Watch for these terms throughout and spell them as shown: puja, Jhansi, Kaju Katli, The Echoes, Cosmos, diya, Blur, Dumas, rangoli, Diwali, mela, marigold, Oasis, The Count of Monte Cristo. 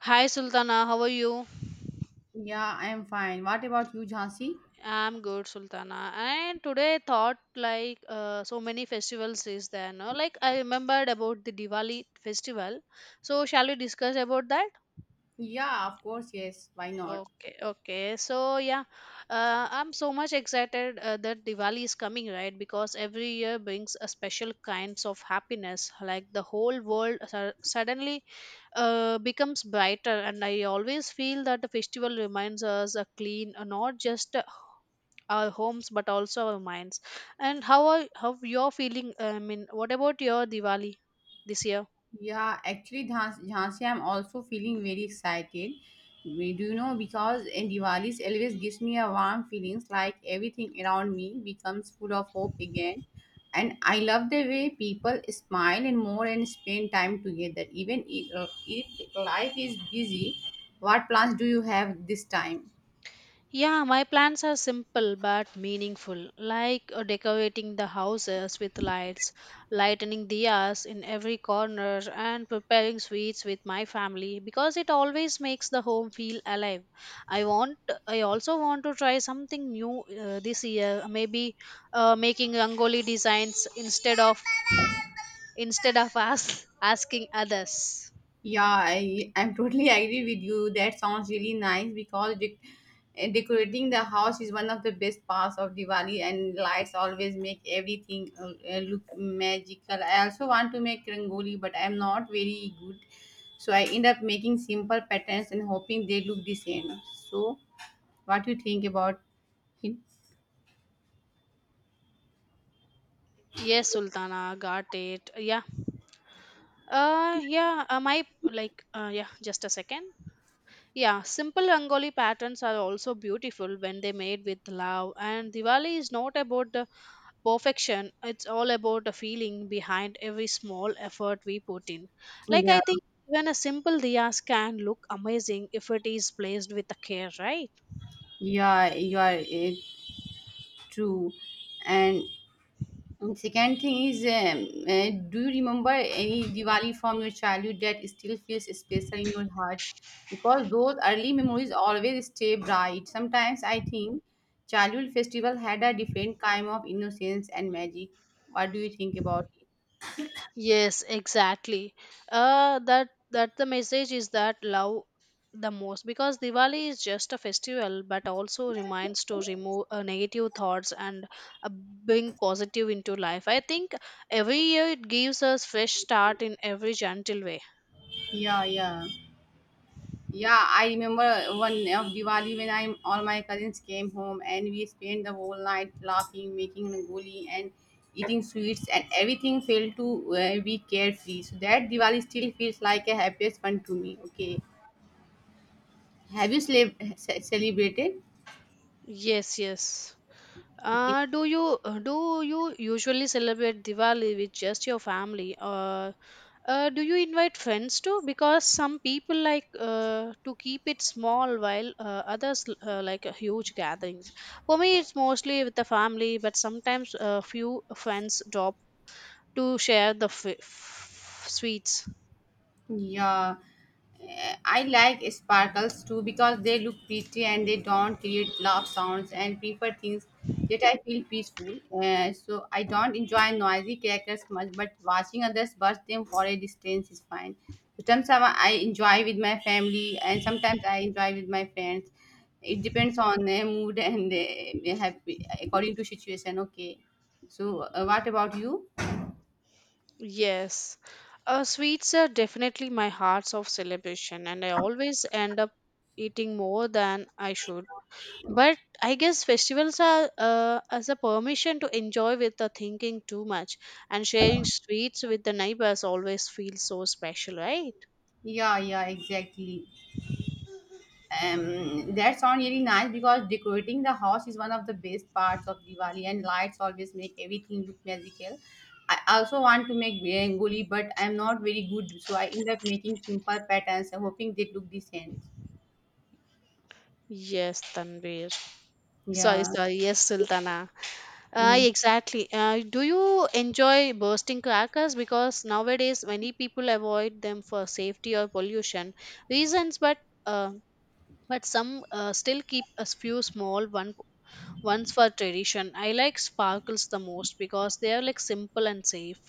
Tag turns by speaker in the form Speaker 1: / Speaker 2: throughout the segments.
Speaker 1: Hi Sultana, how are you?
Speaker 2: Yeah, I'm fine. What about you, Jhansi?
Speaker 1: I'm good, Sultana. And today I thought so many festivals is there, no? Like I remembered about the Diwali festival. So shall we discuss about that?
Speaker 2: Yeah, of course, yes. Why not?
Speaker 1: Okay, okay. So yeah, I'm so much excited that Diwali is coming, right? Because every year brings a special kinds of happiness. Like the whole world suddenly becomes brighter, and I always feel that the festival reminds us a clean, not just our homes but also our minds. And how you're feeling, I mean, what about your Diwali this year?
Speaker 2: Yeah, actually, Jhansi, I'm also feeling very excited. We do you know because in Diwali's always gives me a warm feelings like everything around me becomes full of hope again. And I love the way people smile and more and spend time together. Even if, if life is busy, what plans do you have this time?
Speaker 1: Yeah, my plans are simple but meaningful, like decorating the houses with lights, lightening diyas in every corner, and preparing sweets with my family because it always makes the home feel alive. i want I also want to try something new this year, maybe making rangoli designs instead of us asking others.
Speaker 2: Yeah, I'm totally agree with you. That sounds really nice because decorating the house is one of the best parts of Diwali, and lights always make everything look magical. I also want to make rangoli, but I'm not very good, so I end up making simple patterns and hoping they look the same. So, what do you think about it?
Speaker 1: Yes, Sultana, got it. Yeah. Yeah, just a second. Yeah, simple Rangoli patterns are also beautiful when they made with love. And Diwali is not about the perfection, it's all about the feeling behind every small effort we put in. Like,
Speaker 2: Yeah,
Speaker 1: I think even a simple diyas can look amazing if it is placed with the care, right?
Speaker 2: yeah, you are true. and And second thing is, do you remember any Diwali from your childhood that still feels special in your heart? Because those early memories always stay bright. Sometimes I think childhood festival had a different kind of innocence and magic. What do you think about it?
Speaker 1: Yes, exactly. That the message is that love the most because Diwali is just a festival, but also reminds to remove negative thoughts and bring positive into life. I think every year it gives us fresh start in every gentle way.
Speaker 2: Yeah, yeah. Yeah, I remember one of Diwali when I all my cousins came home and we spent the whole night laughing, making rangoli and eating sweets and everything felt to be carefree. So that Diwali still feels like a happiest one to me. Okay, have you celebrated?
Speaker 1: Yes, yes.
Speaker 2: Okay.
Speaker 1: Do you usually celebrate Diwali with just your family, or do you invite friends too? Because some people to keep it small, while others like huge gatherings. For me, it's mostly with the family, but sometimes a few friends drop to share the sweets.
Speaker 2: Yeah, I like sparkles too because they look pretty and they don't create loud sounds and prefer things that I feel peaceful. Eh, so I don't enjoy noisy crackers much, but watching others burst them for a distance is fine. Sometimes I enjoy with my family and sometimes I enjoy with my friends. It depends on the mood and happy according to situation. Okay, so what about you?
Speaker 1: Yes. Sweets are definitely my hearts of celebration, and I always end up eating more than I should. But I guess festivals are as a permission to enjoy without thinking too much, and sharing sweets with the neighbors always feels so special, right?
Speaker 2: Yeah, yeah, exactly. That sounds really nice because decorating the house is one of the best parts of Diwali, and lights always make everything look magical. I also want to make rangoli, but I'm not very good, so I end up making simple patterns, hoping they look decent.
Speaker 1: Yes, Tanvir. Sorry,
Speaker 2: Yeah.
Speaker 1: sorry, yes, Sultana.
Speaker 2: Mm.
Speaker 1: Exactly. Do you enjoy bursting crackers? Because nowadays many people avoid them for safety or pollution reasons, uh, but some still keep a few small ones for tradition. I like sparkles the most because they are like simple and safe.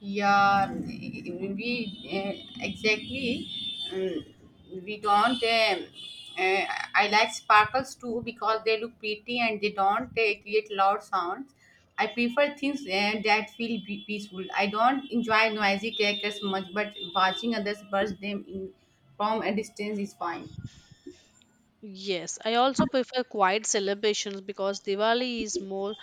Speaker 2: Yeah, we exactly. We don't. Uh, I like sparkles too because they look pretty and they don't create loud sounds. I prefer things that feel peaceful. I don't enjoy noisy crackers much, but watching others burst them in from a distance is fine.
Speaker 1: Yes, I also prefer quiet celebrations because Diwali is more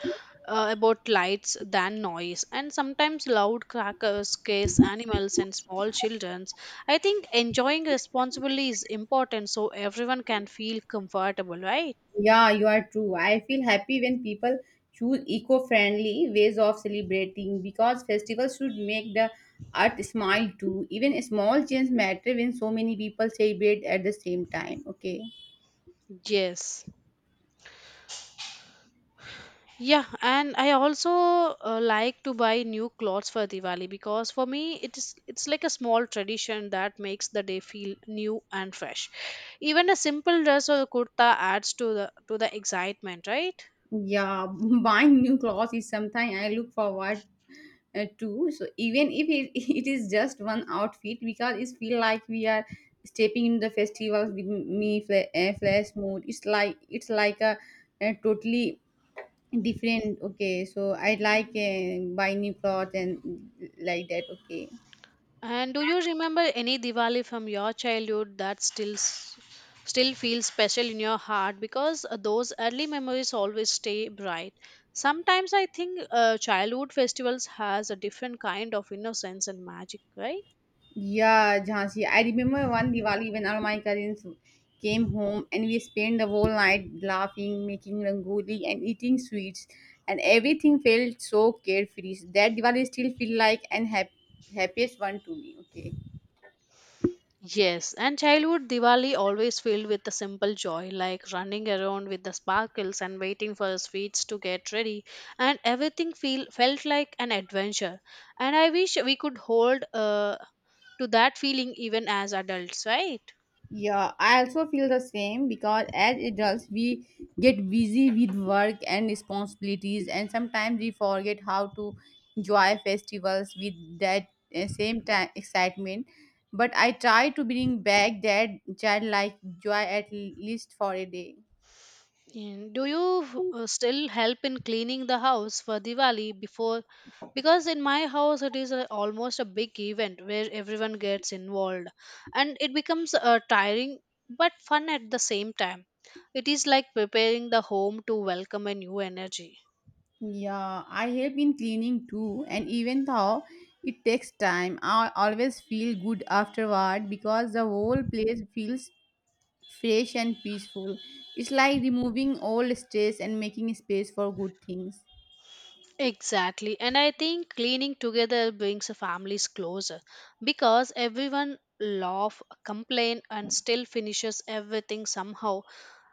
Speaker 1: about lights than noise, and sometimes loud crackers case animals and small children. I think enjoying responsibly is important so everyone can feel comfortable, right?
Speaker 2: Yeah, you are true. I feel happy when people choose eco-friendly ways of celebrating because festivals should make the earth smile too. Even small change matter when so many people celebrate at the same time. Okay.
Speaker 1: Yes. Yeah, and I also like to buy new clothes for Diwali because for me it's like a small tradition that makes the day feel new and fresh. Even a simple dress or kurta adds to the excitement, right?
Speaker 2: Yeah, buying new clothes is something I look forward to. So even if it, it is just one outfit, because it feel like we are stepping in the festivals with me flash mode. It's like a totally different, okay. So I like buy new clothes and like that, okay.
Speaker 1: And do you remember any Diwali from your childhood that still feels special in your heart? Because those early memories always stay bright. Sometimes I think childhood festivals has a different kind of innocence and magic, right?
Speaker 2: Yeah, Jhansi. I remember one Diwali when all my cousins came home and we spent the whole night laughing, making rangoli, and eating sweets, and everything felt so carefree. That Diwali still feel like an happiest one to me, okay.
Speaker 1: Yes, and childhood Diwali always filled with the simple joy, like running around with the sparkles and waiting for the sweets to get ready, and everything feel felt like an adventure. And I wish we could hold to that feeling even as adults, right?
Speaker 2: Yeah, I also feel the same because as adults, we get busy with work and responsibilities, and sometimes we forget how to enjoy festivals with that same time excitement. But I try to bring back that childlike joy at least for a day.
Speaker 1: And do you still help in cleaning the house for Diwali before? Because in my house, it is a, almost a big event where everyone gets involved, and it becomes tiring but fun at the same time. It is like preparing the home to welcome a new energy.
Speaker 2: Yeah, I help in cleaning too, and even though it takes time, I always feel good afterward because the whole place feels fresh and peaceful. It's like removing all stress and making space for good things.
Speaker 1: Exactly, and I think cleaning together brings families closer because everyone laugh, complain, and still finishes everything somehow.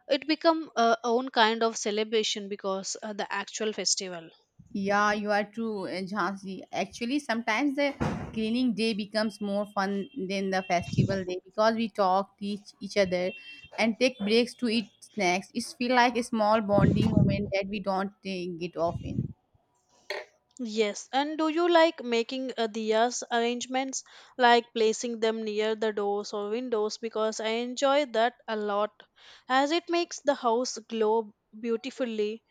Speaker 1: It become a own kind of celebration because the actual festival.
Speaker 2: Yeah, you are true, Jhansi. Actually, sometimes the cleaning day becomes more fun than the festival day because we talk, teach each other, and take breaks to eat snacks. It's feel like a small bonding moment that we don't get often.
Speaker 1: Yes, and do you like making diyas arrangements, like placing them near the doors or windows? Because I enjoy that a lot, as it makes the house glow beautifully.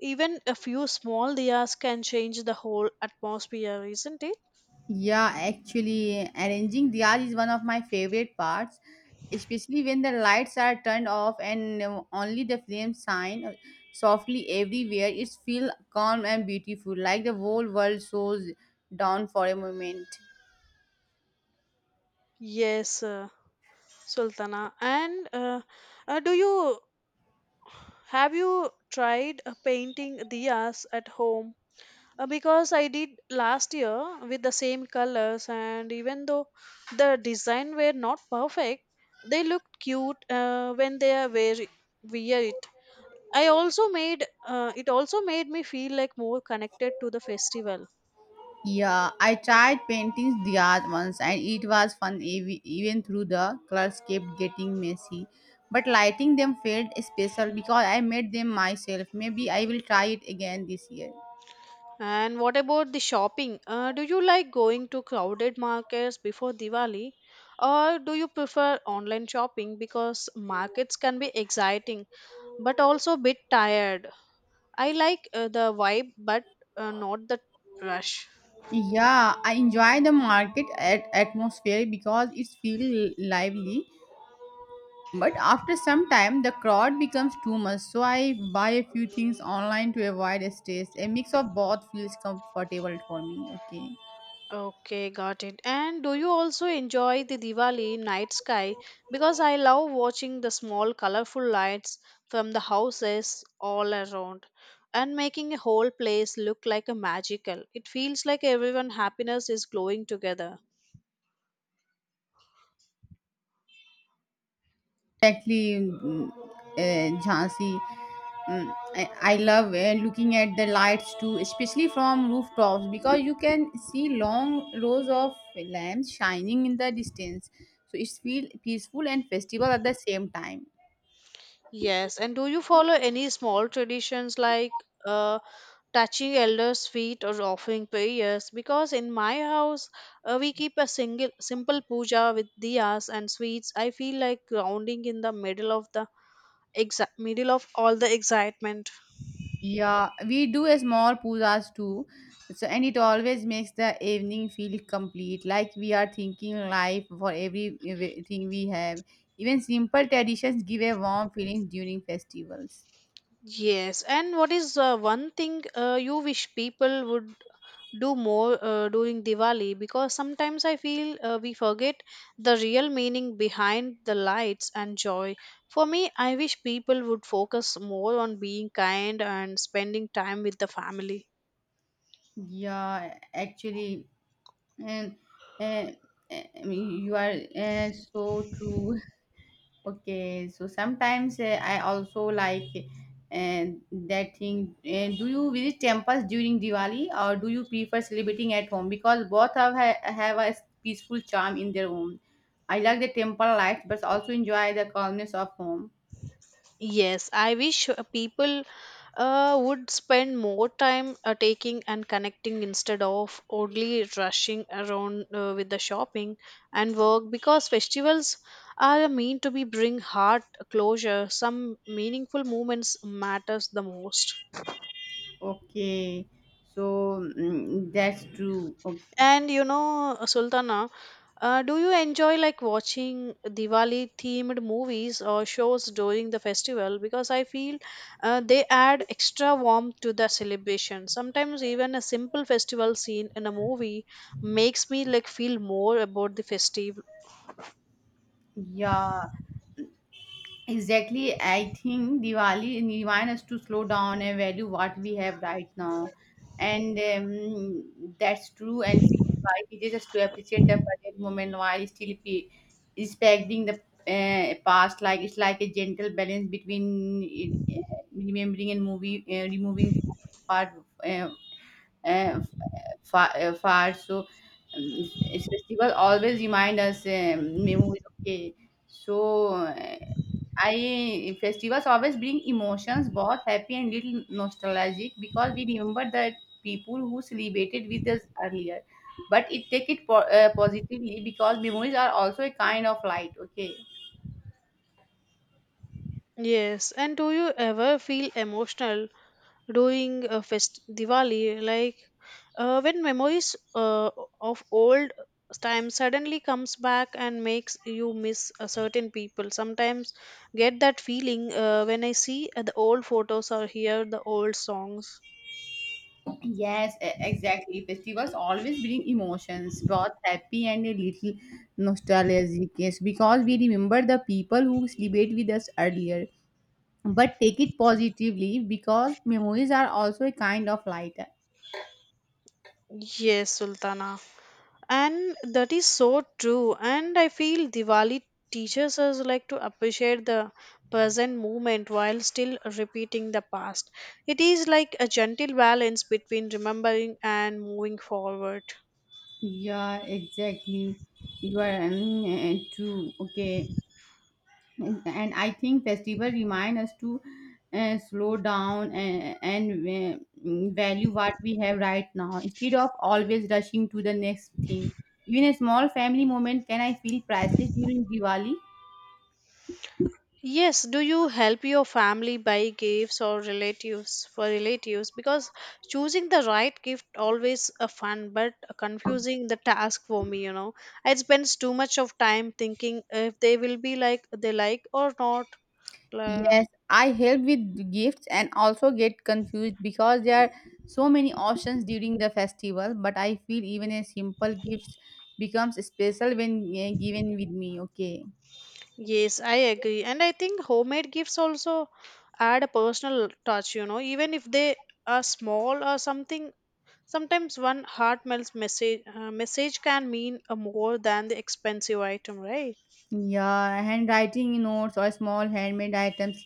Speaker 1: Even a few small diyas can change the whole atmosphere, isn't it?
Speaker 2: Yeah, actually, arranging diyas is one of my favorite parts, especially when the lights are turned off and only the flames shine softly everywhere. It feels calm and beautiful, like the whole world slows down for a moment.
Speaker 1: Yes, Sultana. And do you Have you tried painting diyas at home? Because I did last year with the same colors, and even though the design were not perfect, they looked cute when they are wear it. I also made It also made me feel like more connected to the festival.
Speaker 2: Yeah, I tried painting diyas once, and it was fun even through the colors kept getting messy. But lighting them felt special because I made them myself. Maybe I will try it again this year.
Speaker 1: And what about the shopping? Do you like going to crowded markets before Diwali, or do you prefer online shopping? Because markets can be exciting but also a bit tired? I like the vibe, but not the rush.
Speaker 2: Yeah, I enjoy the market at atmosphere because it's feel lively. But after some time, the crowd becomes too much, so I buy a few things online to avoid stress. A mix of both feels comfortable for me. Okay.
Speaker 1: Okay, got it. And do you also enjoy the Diwali night sky? Because I love watching the small colorful lights from the houses all around and making a whole place look like a magical. It feels like everyone happiness is glowing together.
Speaker 2: Exactly, Jhansi. I love looking at the lights too, especially from rooftops because you can see long rows of lamps shining in the distance. So it's feel peaceful and festival at the same time.
Speaker 1: Yes, and do you follow any small traditions like uh, touching elders' feet or offering prayers? Because in my house, we keep a single simple puja with diyas and sweets. I feel like grounding in the middle of the middle of all the excitement.
Speaker 2: Yeah, we do a small pujas too. So and it always makes the evening feel complete, like we are thinking life for everything we have. Even simple traditions give a warm feeling during festivals.
Speaker 1: Yes, and what is one thing you wish people would do more during Diwali? Because sometimes I feel we forget the real meaning behind the lights and joy. For me, I wish people would focus more on being kind and spending time with the family.
Speaker 2: Yeah, actually, and uh, I mean, you are so true. Okay, so sometimes I also like uh, that thing. Do you visit temples during Diwali or do you prefer celebrating at home? Because both have a peaceful charm in their own. I like the temple life, but also enjoy the calmness of home.
Speaker 1: Yes, I wish people would spend more time taking and connecting instead of only rushing around with the shopping and work because festivals are meant to be bring heart closure. Some meaningful moments matters the most.
Speaker 2: Okay, so that's true. Okay.
Speaker 1: And you know, Sultana, do you enjoy like watching Diwali themed movies or shows during the festival? Because I feel they add extra warmth to the celebration. Sometimes even a simple festival scene in a movie makes me like feel more about the festive.
Speaker 2: Yeah. Exactly, I think Diwali reminds us to slow down and value what we have right now, and that's true. And feel Diwali teaches us to appreciate the present moment while still respecting the past. Like it's like a gentle balance between remembering and removing part uh, uh, far. So festival always remind us memory. Okay, so I festivals always bring emotions, both happy and little nostalgic, because we remember the people who celebrated with us earlier. But it take it positively because memories are also a kind of light. Okay.
Speaker 1: Yes, and do you ever feel emotional during a Diwali, like when memories of old time suddenly comes back and makes you miss a certain people. Sometimes get that feeling when I see the old photos or hear the old songs.
Speaker 2: Yes, exactly. Festivals always bring emotions, both happy and a little nostalgic. Yes, because we remember the people who celebrate with us earlier. But take it positively because memories are also a kind of light.
Speaker 1: Yes, Sultana. And that is so true. And I feel Diwali teaches us like to appreciate the present moment while still repeating the past. It is like a gentle balance between remembering and moving forward.
Speaker 2: Yeah, exactly. You are true. Okay. And I think festival remind us to slow down and value what we have right now instead of always rushing to the next thing. Even a small family moment can I feel priceless during Diwali.
Speaker 1: Yes, do you help your family buy gifts or relatives for relatives? Because choosing the right gift always a fun but a confusing the task for me, you know. I spend too much of time thinking if they will be like they like or not. Uh,
Speaker 2: Yes, I help with gifts and also get confused because there are so many options during the festival. But I feel even a simple gift becomes special when given with me. Okay.
Speaker 1: yes, I agree. And I think homemade gifts also add a personal touch, you know, even if they are small or something. Sometimes one heartfelt message can mean more than the expensive item, right?
Speaker 2: Yeah, handwriting notes or small handmade items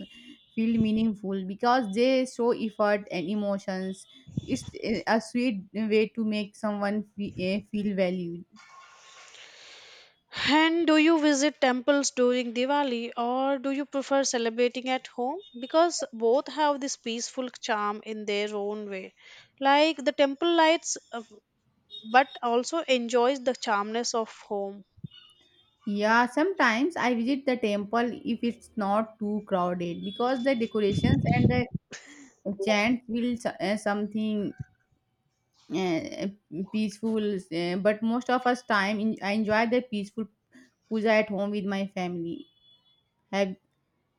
Speaker 2: feel meaningful because they show effort and emotions. It's a sweet way to make someone feel valued.
Speaker 1: And do you visit temples during Diwali or do you prefer celebrating at home? Because both have this peaceful charm in their own way. Like the temple lights, but also enjoys the charmness of home.
Speaker 2: Yeah, sometimes I visit the temple if it's not too crowded because the decorations and the chant will s- eh, something uh, peaceful. Eh, but most of us time in, I enjoy the peaceful puja at home with my family. Have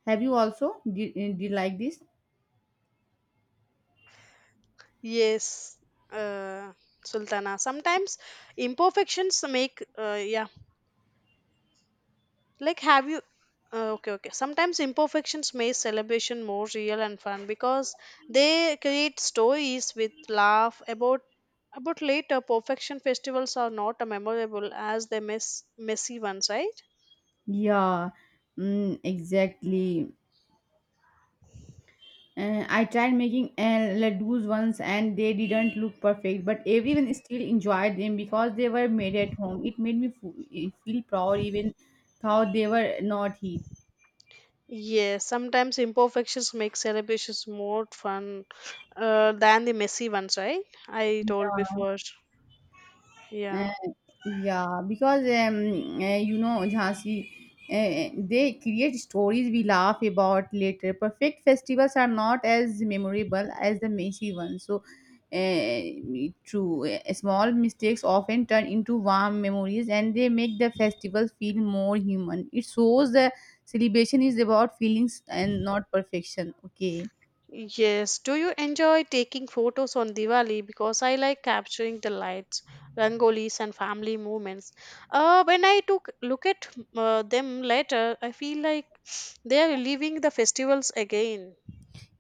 Speaker 2: Have you also? Did like this?
Speaker 1: Yes, uh, Sultana. Sometimes imperfections make, yeah, like have you, okay, okay. Sometimes imperfections make celebration more real and fun because they create stories with laugh about later. Perfection festivals are not memorable as they messy ones, right?
Speaker 2: Yeah, exactly. I tried making ladoos once and they didn't look perfect, but everyone still enjoyed them because they were made at home. It made me feel proud even though they were not heat.
Speaker 1: Yes, sometimes imperfections make celebrations more fun than the messy ones, right? I told before.
Speaker 2: Uh,
Speaker 1: Yeah.
Speaker 2: yeah, because you know, Jhansi, they create stories we laugh about later. Perfect festivals are not as memorable as the messy ones. So, uh, true, small mistakes often turn into warm memories, and they make the festivals feel more human. It shows the celebration is about feelings and not perfection. Okay.
Speaker 1: Yes. Do you enjoy taking photos on Diwali? Because I like capturing the lights, rangolis, and family moments. When I took look at them later, I feel like they are living the festivals again.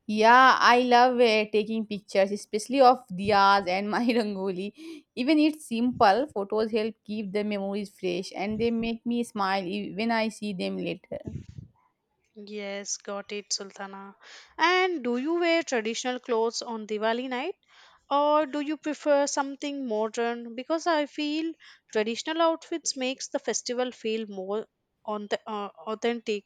Speaker 2: Yeah, I love taking pictures, especially of diyas and my rangoli. Even it's simple, photos help keep the memories fresh and they make me smile when I see them later.
Speaker 1: Yes, got it, Sultana. And do you wear traditional clothes on Diwali night? Or do you prefer something modern? Because I feel traditional outfits makes the festival feel more on the authentic.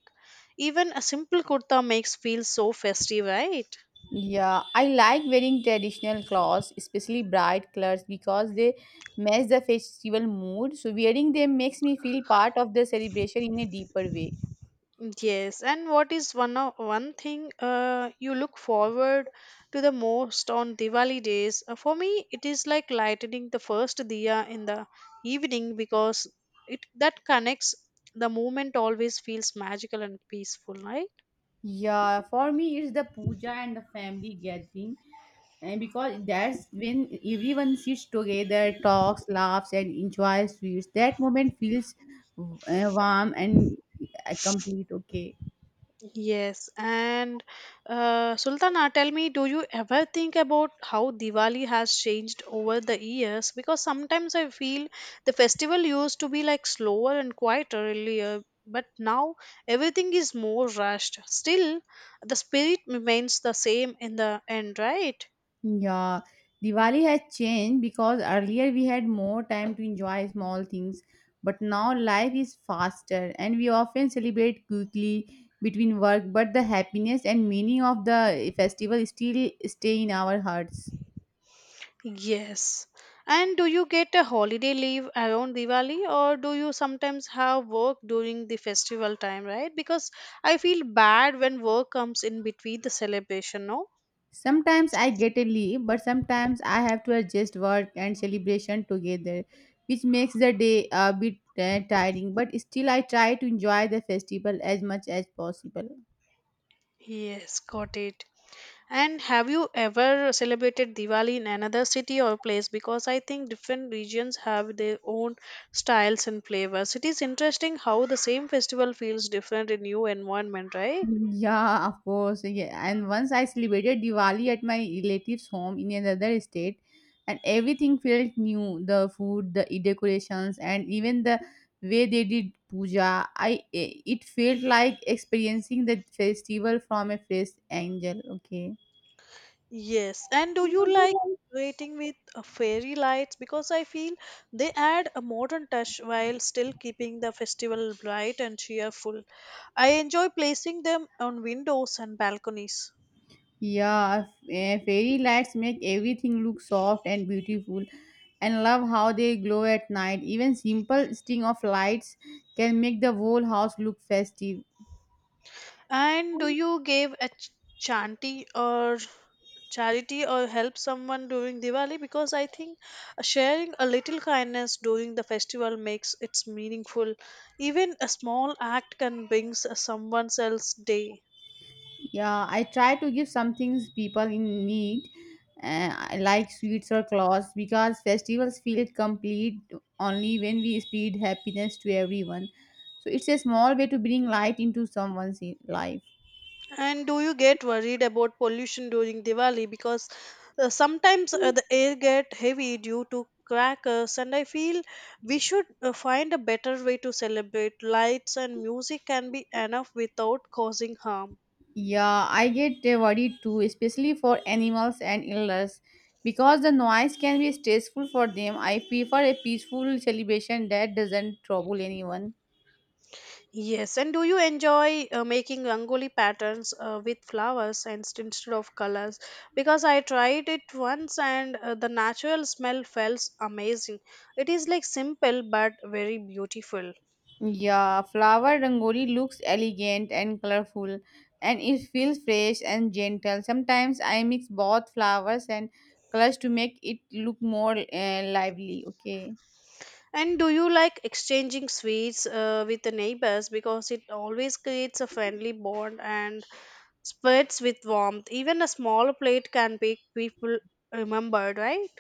Speaker 1: Even a simple kurta makes feel so festive, right?
Speaker 2: Yeah, I like wearing traditional clothes, especially bright colors because they match the festival mood. So wearing them makes me feel part of the celebration in a deeper way.
Speaker 1: Yes, and what is one thing you look forward to the most on Diwali days? For me, it is like lighting the first diya in the evening because it that connects the moment always feels magical and peaceful, right?
Speaker 2: Yeah, for me it's the puja and the family gathering, and because that's when everyone sits together, talks, laughs, and enjoys sweets. That moment feels warm and complete. Okay,
Speaker 1: Yes, and Sultana, tell me, do you ever think about how Diwali has changed over the years? Because sometimes I feel the festival used to be like slower and quieter earlier, but now everything is more rushed. Still, the spirit remains the same in the end, right?
Speaker 2: yeah. Diwali has changed because earlier we had more time to enjoy small things, but now life is faster, and we often celebrate quickly between work. But the happiness and meaning of the festival still stay in our hearts.
Speaker 1: Yes. And do you get a holiday leave around Diwali or do you sometimes have work during the festival time, right? Because I feel bad when work comes in between the celebration, no?
Speaker 2: Sometimes I get a leave, but sometimes I have to adjust work and celebration together, which makes the day a bit tiring. But still, I try to enjoy the festival as much as possible.
Speaker 1: Yes, got it. And have you ever celebrated Diwali in another city or place? Because I think different regions have their own styles and flavors. It is interesting how the same festival feels different in new environment, right?
Speaker 2: Yeah, of course. Yeah. And once I celebrated Diwali at my relative's home in another state, and everything felt new the food, the decorations, and even the way they did puja. It felt like experiencing the festival from a fresh angle. Okay.
Speaker 1: Yes, and do you like decorating with fairy lights? Because I feel they add a modern touch while still keeping the festival bright and cheerful. I enjoy placing them on windows and balconies.
Speaker 2: Yeah, fairy lights make everything look soft and beautiful, and love how they glow at night. Even simple string of lights can make the whole house look festive.
Speaker 1: And do you give a chanty or charity or help someone during Diwali? Because I think sharing a little kindness during the festival makes it meaningful. Even a small act can bring someone else's day.
Speaker 2: Yeah, I try to give some things people in need, I like sweets or clothes, because festivals feel complete only when we spread happiness to everyone. So it's a small way to bring light into someone's life.
Speaker 1: And do you get worried about pollution during Diwali? Because sometimes the air get heavy due to crackers, and I feel we should find a better way to celebrate. Lights and music can be enough without causing harm.
Speaker 2: Yeah, I get worried too, especially for animals and illness. Because the noise can be stressful for them, I prefer a peaceful celebration that doesn't trouble anyone.
Speaker 1: Yes, and do you enjoy making rangoli patterns with flowers and instead of colors? Because I tried it once and the natural smell felt amazing. It is like simple but very beautiful.
Speaker 2: Yeah, flower rangoli looks elegant and colorful, and it feels fresh and gentle. Sometimes I mix both flowers and colors to make it look more lively. Okay.
Speaker 1: And do you like exchanging sweets with the neighbors because it always creates a friendly bond and spreads with warmth? Even a small plate can make people remembered, right?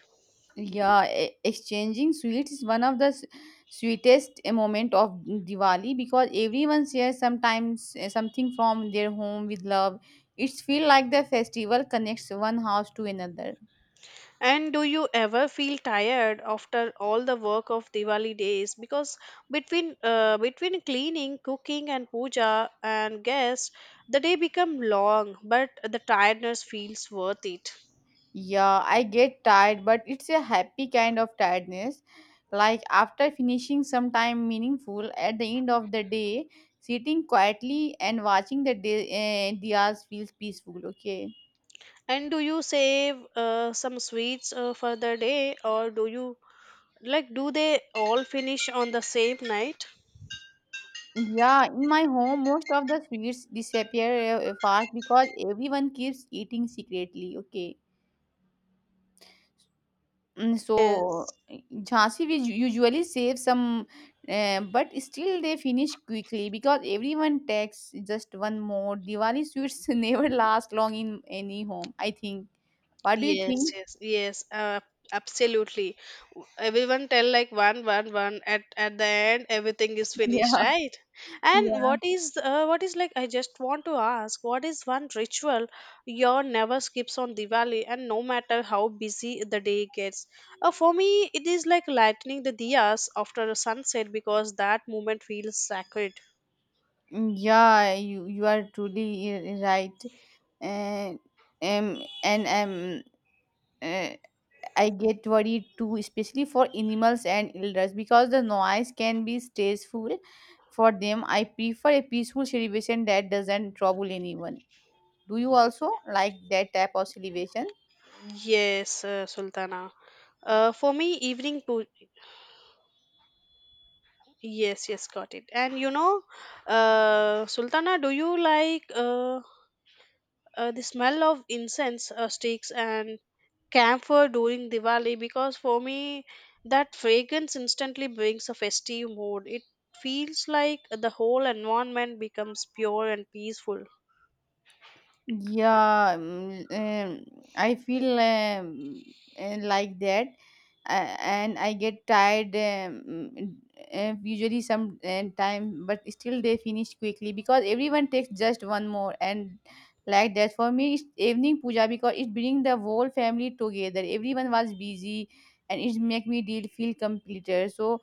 Speaker 2: Yeah, exchanging sweets is one of the sweetest moment of Diwali because everyone shares sometimes something from their home with love. It's feel like the festival connects one house to another.
Speaker 1: And do you ever feel tired after all the work of Diwali days? Because between cleaning, cooking, and puja and guests, the day become long, but the tiredness feels worth it.
Speaker 2: Yeah, I get tired, but it's a happy kind of tiredness. Like after finishing some time meaningful at the end of the day, sitting quietly and watching the day, diyas feels peaceful. Okay.
Speaker 1: And do you save some sweets for the day, or do you like do they all finish on the same night?
Speaker 2: Yeah, in my home, most of the sweets disappear fast because everyone keeps eating secretly. Okay. Mm, so
Speaker 1: Yes.
Speaker 2: uh, Jhansi we usually save some, but still they finish quickly because everyone takes just one more. Diwali sweets never last long in any home, I think. What do you
Speaker 1: Yes,
Speaker 2: think?
Speaker 1: yes, yes. Absolutely. Everyone tell like one, one, one. At the end, everything is
Speaker 2: Yeah,
Speaker 1: finished, right? And
Speaker 2: yeah,
Speaker 1: what is like? I just want to ask, what is one ritual you never skips on Diwali, and no matter how busy the day gets? For me, it is like lighting the diyas after the sunset because that moment feels sacred.
Speaker 2: yeah. You are truly right. And and. uh, I get worried too, especially for animals and elders, because the noise can be stressful for them. I prefer a peaceful celebration that doesn't trouble anyone. Do you also like that type of celebration?
Speaker 1: Yes, Sultana. For me, evening pu- Yes, yes, got it. And you know, Sultana, do you like the smell of incense sticks and camphor during Diwali? Because for me, that fragrance instantly brings a festive mood. It feels like the whole environment becomes pure and peaceful.
Speaker 2: Yeah, mm, I feel like that, and I get tired mm, usually some time, but still they finish quickly because everyone takes just one more and like that for me it's evening puja because it bring the whole family together. Everyone was busy, and it make me deal feel completer. So,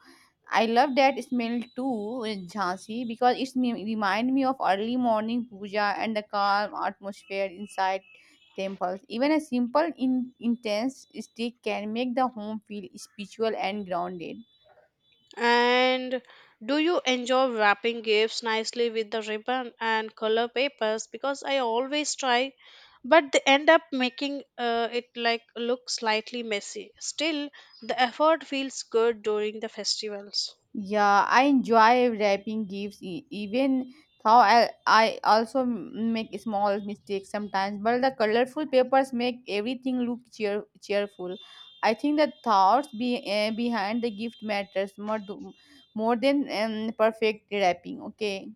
Speaker 2: I love that smell too in Jhansi because it remind me of early morning puja and the calm atmosphere inside temples. Even a simple intense stick can make the home feel spiritual and grounded.
Speaker 1: And do you enjoy wrapping gifts nicely with the ribbon and color papers? Because I always try, but they end up making it like look slightly messy. Still, the effort feels good during the festivals.
Speaker 2: Yeah, I enjoy wrapping gifts even though I also make small mistakes sometimes, but the colorful papers make everything look cheerful. I think the thoughts behind the gift matters more, more than perfect wrapping, okay?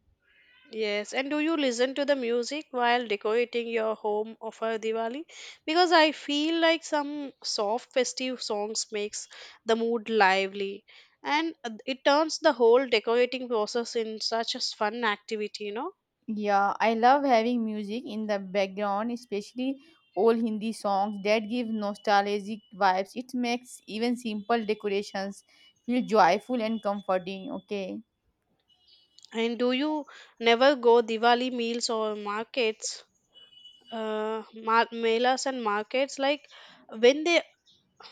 Speaker 1: Yes, and do you listen to the music while decorating your home for Diwali? Because I feel like some soft festive songs makes the mood lively and it turns the whole decorating process in such a fun activity, you know.
Speaker 2: Yeah, I love having music in the background, especially old Hindi songs that give nostalgic vibes. It makes even simple decorations feel joyful and comforting, okay?
Speaker 1: And do you never go Diwali meals or markets, melas and markets like when they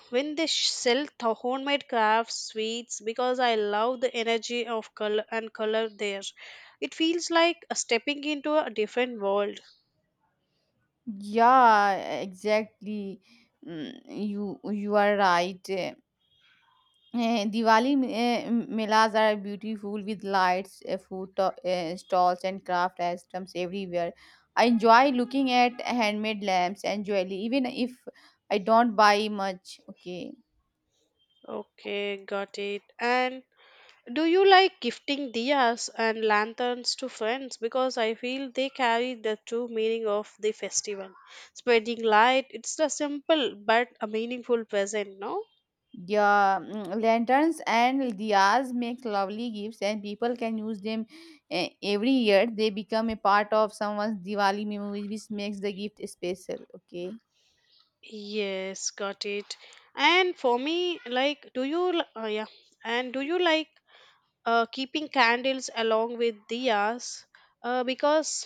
Speaker 1: when they sell the homemade crafts sweets because I love the energy of color and color there. It feels like stepping into a different world.
Speaker 2: Yeah, exactly. You you are right. Diwali melas are beautiful with lights, food stalls, and craft items everywhere. I enjoy looking at handmade lamps and jewelry, even if I don't buy much. Okay.
Speaker 1: Okay, got it. And do you like gifting diyas and lanterns to friends? Because I feel they carry the true meaning of the festival, spreading light. It's a simple but a meaningful present, no?
Speaker 2: Yeah, lanterns and diyas make lovely gifts, and people can use them every year. They become a part of someone's Diwali memories, which makes the gift special. Okay.
Speaker 1: Yes, got it. And for me, like, do you oh yeah, and do you like keeping candles along with diyas because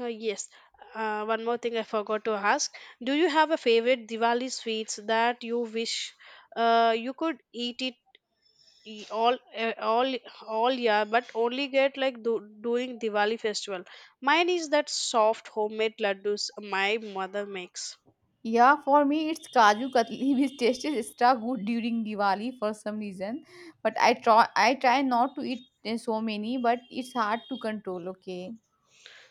Speaker 1: yes, one more thing I forgot to ask, do you have a favorite Diwali sweets that you wish you could eat it e- all uh, all all year but only get like during Diwali festival? Mine is that soft homemade laddus my mother makes.
Speaker 2: Yeah, for me it's Kaju Katli which tastes extra good during Diwali for some reason. But I try not to eat so many, but it's hard to control, okay?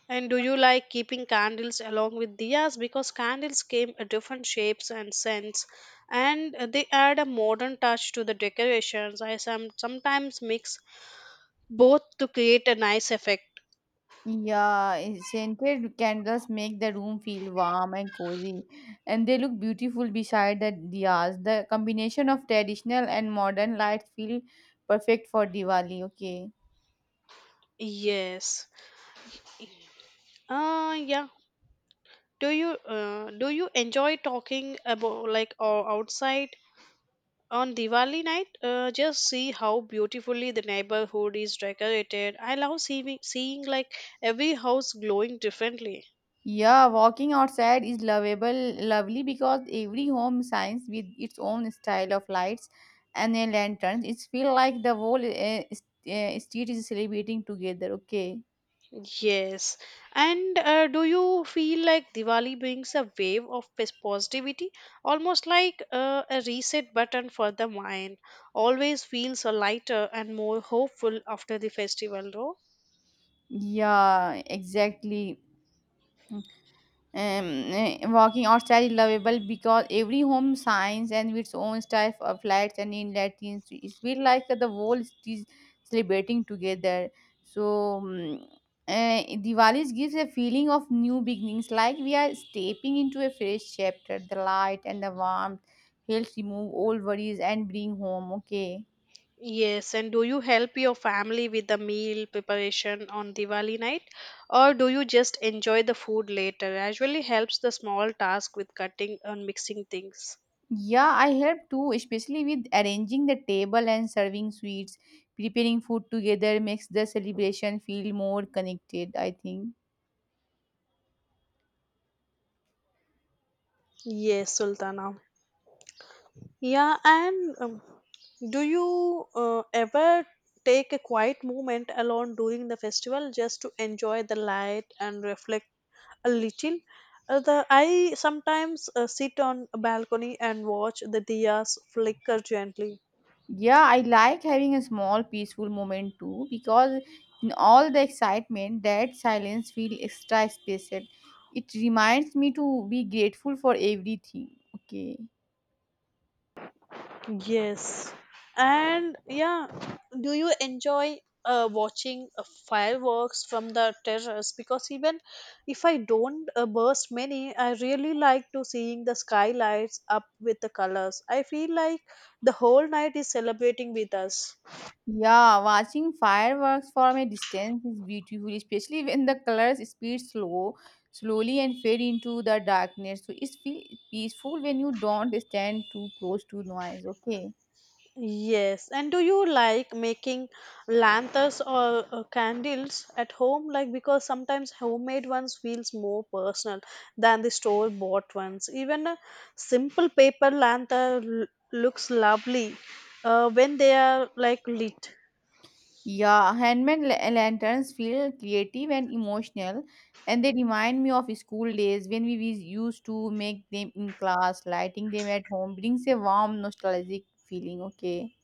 Speaker 1: And do you like keeping candles along with diyas? Because candles came in different shapes and scents, and they add a modern touch to the decorations. I sometimes mix both to create a nice effect.
Speaker 2: Yeah, scented candles make the room feel warm and cozy, and they look beautiful beside the diyas. The combination of traditional and modern lights feel perfect for Diwali, okay?
Speaker 1: Yes. Yeah. Do you enjoy talking about like outside on Diwali night? Just see how beautifully the neighborhood is decorated. I love seeing like every house glowing differently.
Speaker 2: Yeah, walking outside is lovable, lovely because every home shines with its own style of lights and a lantern. It feels like the whole street is celebrating together. Okay.
Speaker 1: Yes. And do you feel like Diwali brings a wave of positivity, almost like a reset button for the mind? Always feels a lighter and more hopeful after the festival, though.
Speaker 2: Yeah, exactly. um, Walking or is lovable because every home shines and with its own style of lights and inlet things. It feels like the world is celebrating together. So, Diwali gives a feeling of new beginnings, like we are stepping into a fresh chapter. The light and the warmth helps remove all worries and bring home. Okay.
Speaker 1: Yes, and do you help your family with the meal preparation on Diwali night, or do you just enjoy the food later? Usually helps the small task with cutting and mixing things.
Speaker 2: Yeah, I help too, especially with arranging the table and serving sweets. Preparing food together makes the celebration feel more connected, I think.
Speaker 1: Yes, Sultana. Yeah, and do you ever take a quiet moment alone during the festival just to enjoy the light and reflect a little? I sometimes sit on a balcony and watch the diyas flicker gently.
Speaker 2: Yeah, I like having a small peaceful moment too because in all the excitement, that silence feels extra special. It reminds me to be grateful for everything. Okay.
Speaker 1: Yes. And yeah, do you enjoy watching fireworks from the terrace? Because even if I don't burst many, I really like to seeing the sky lights up with the colors. I feel like the whole night is celebrating with us.
Speaker 2: Yeah, watching fireworks from a distance is beautiful, especially when the colors speed slow, slowly and fade into the darkness. So it's feel peaceful when you don't stand too close to noise. Okay.
Speaker 1: Yes, and do you like making lanterns or candles at home? Like because sometimes homemade ones feels more personal than the store bought ones. Even a simple paper lantern looks lovely when they are like lit.
Speaker 2: Yeah, handmade lanterns feel creative and emotional, and they remind me of school days when we used to make them in class. Lighting them at home brings a warm, nostalgic feeling. Okay.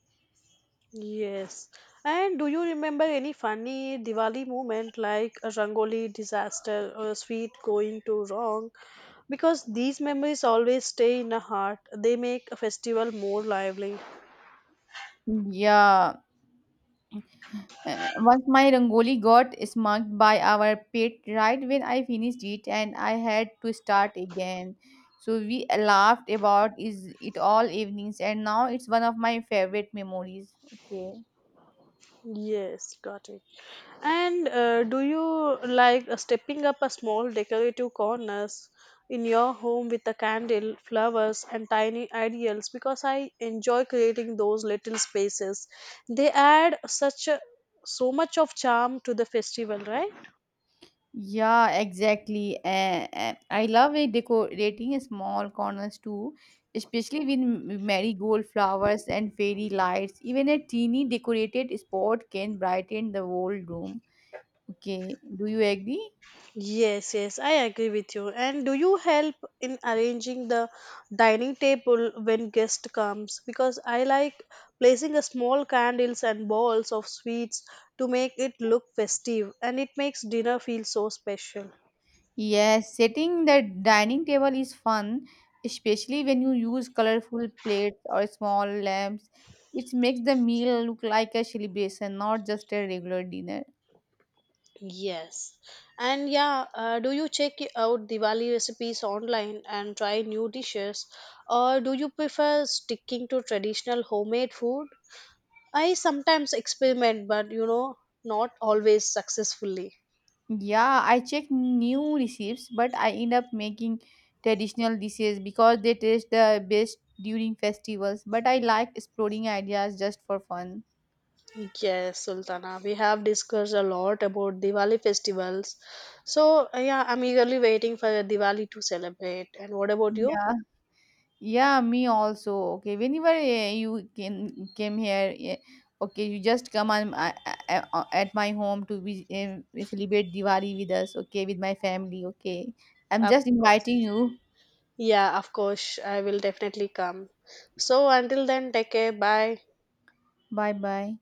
Speaker 1: Yes. And do you remember any funny Diwali moment like a Rangoli disaster or a sweet going too wrong? Because these memories always stay in the heart. They make a festival more lively.
Speaker 2: Yeah. Once my Rangoli got smudged by our pet right when I finished it, and I had to start again. So we laughed about is it all evenings, and now it's one of my favorite memories. Okay.
Speaker 1: Yes, got it. And do you like stepping up a small decorative corners in your home with a candle, flowers, and tiny ideals? Because I enjoy creating those little spaces. They add such a, so much of charm to the festival, right?
Speaker 2: Yeah, exactly. I love it decorating small corners too, especially with marigold flowers and fairy lights. Even a teeny decorated spot can brighten the whole room. Okay, do you agree?
Speaker 1: Yes, yes, I agree with you. And do you help in arranging the dining table when guest comes? Because I like placing a small candles and balls of sweets to make it look festive, and it makes dinner feel so special.
Speaker 2: Yes, setting the dining table is fun, especially when you use colorful plates or small lamps. It makes the meal look like a celebration, not just a regular dinner.
Speaker 1: Yes. And yeah, do you check out Diwali recipes online and try new dishes, or do you prefer sticking to traditional homemade food? I sometimes experiment, but you know, not always successfully.
Speaker 2: Yeah, I check new recipes, but I end up making traditional dishes because they taste the best during festivals. But I like exploring ideas just for fun.
Speaker 1: Yes, Sultana, we have discussed a lot about Diwali festivals. So, yeah, I'm eagerly waiting for Diwali to celebrate. And what about you?
Speaker 2: Yeah. Yeah, me also. Okay, whenever you can came here, okay, you just come on, at my home to be celebrate Diwali with us. Okay, with my family. Okay, I'm
Speaker 1: Of
Speaker 2: just inviting
Speaker 1: course.
Speaker 2: you.
Speaker 1: Yeah, of course, I will definitely come. So, until then, take care. Bye.
Speaker 2: Bye bye.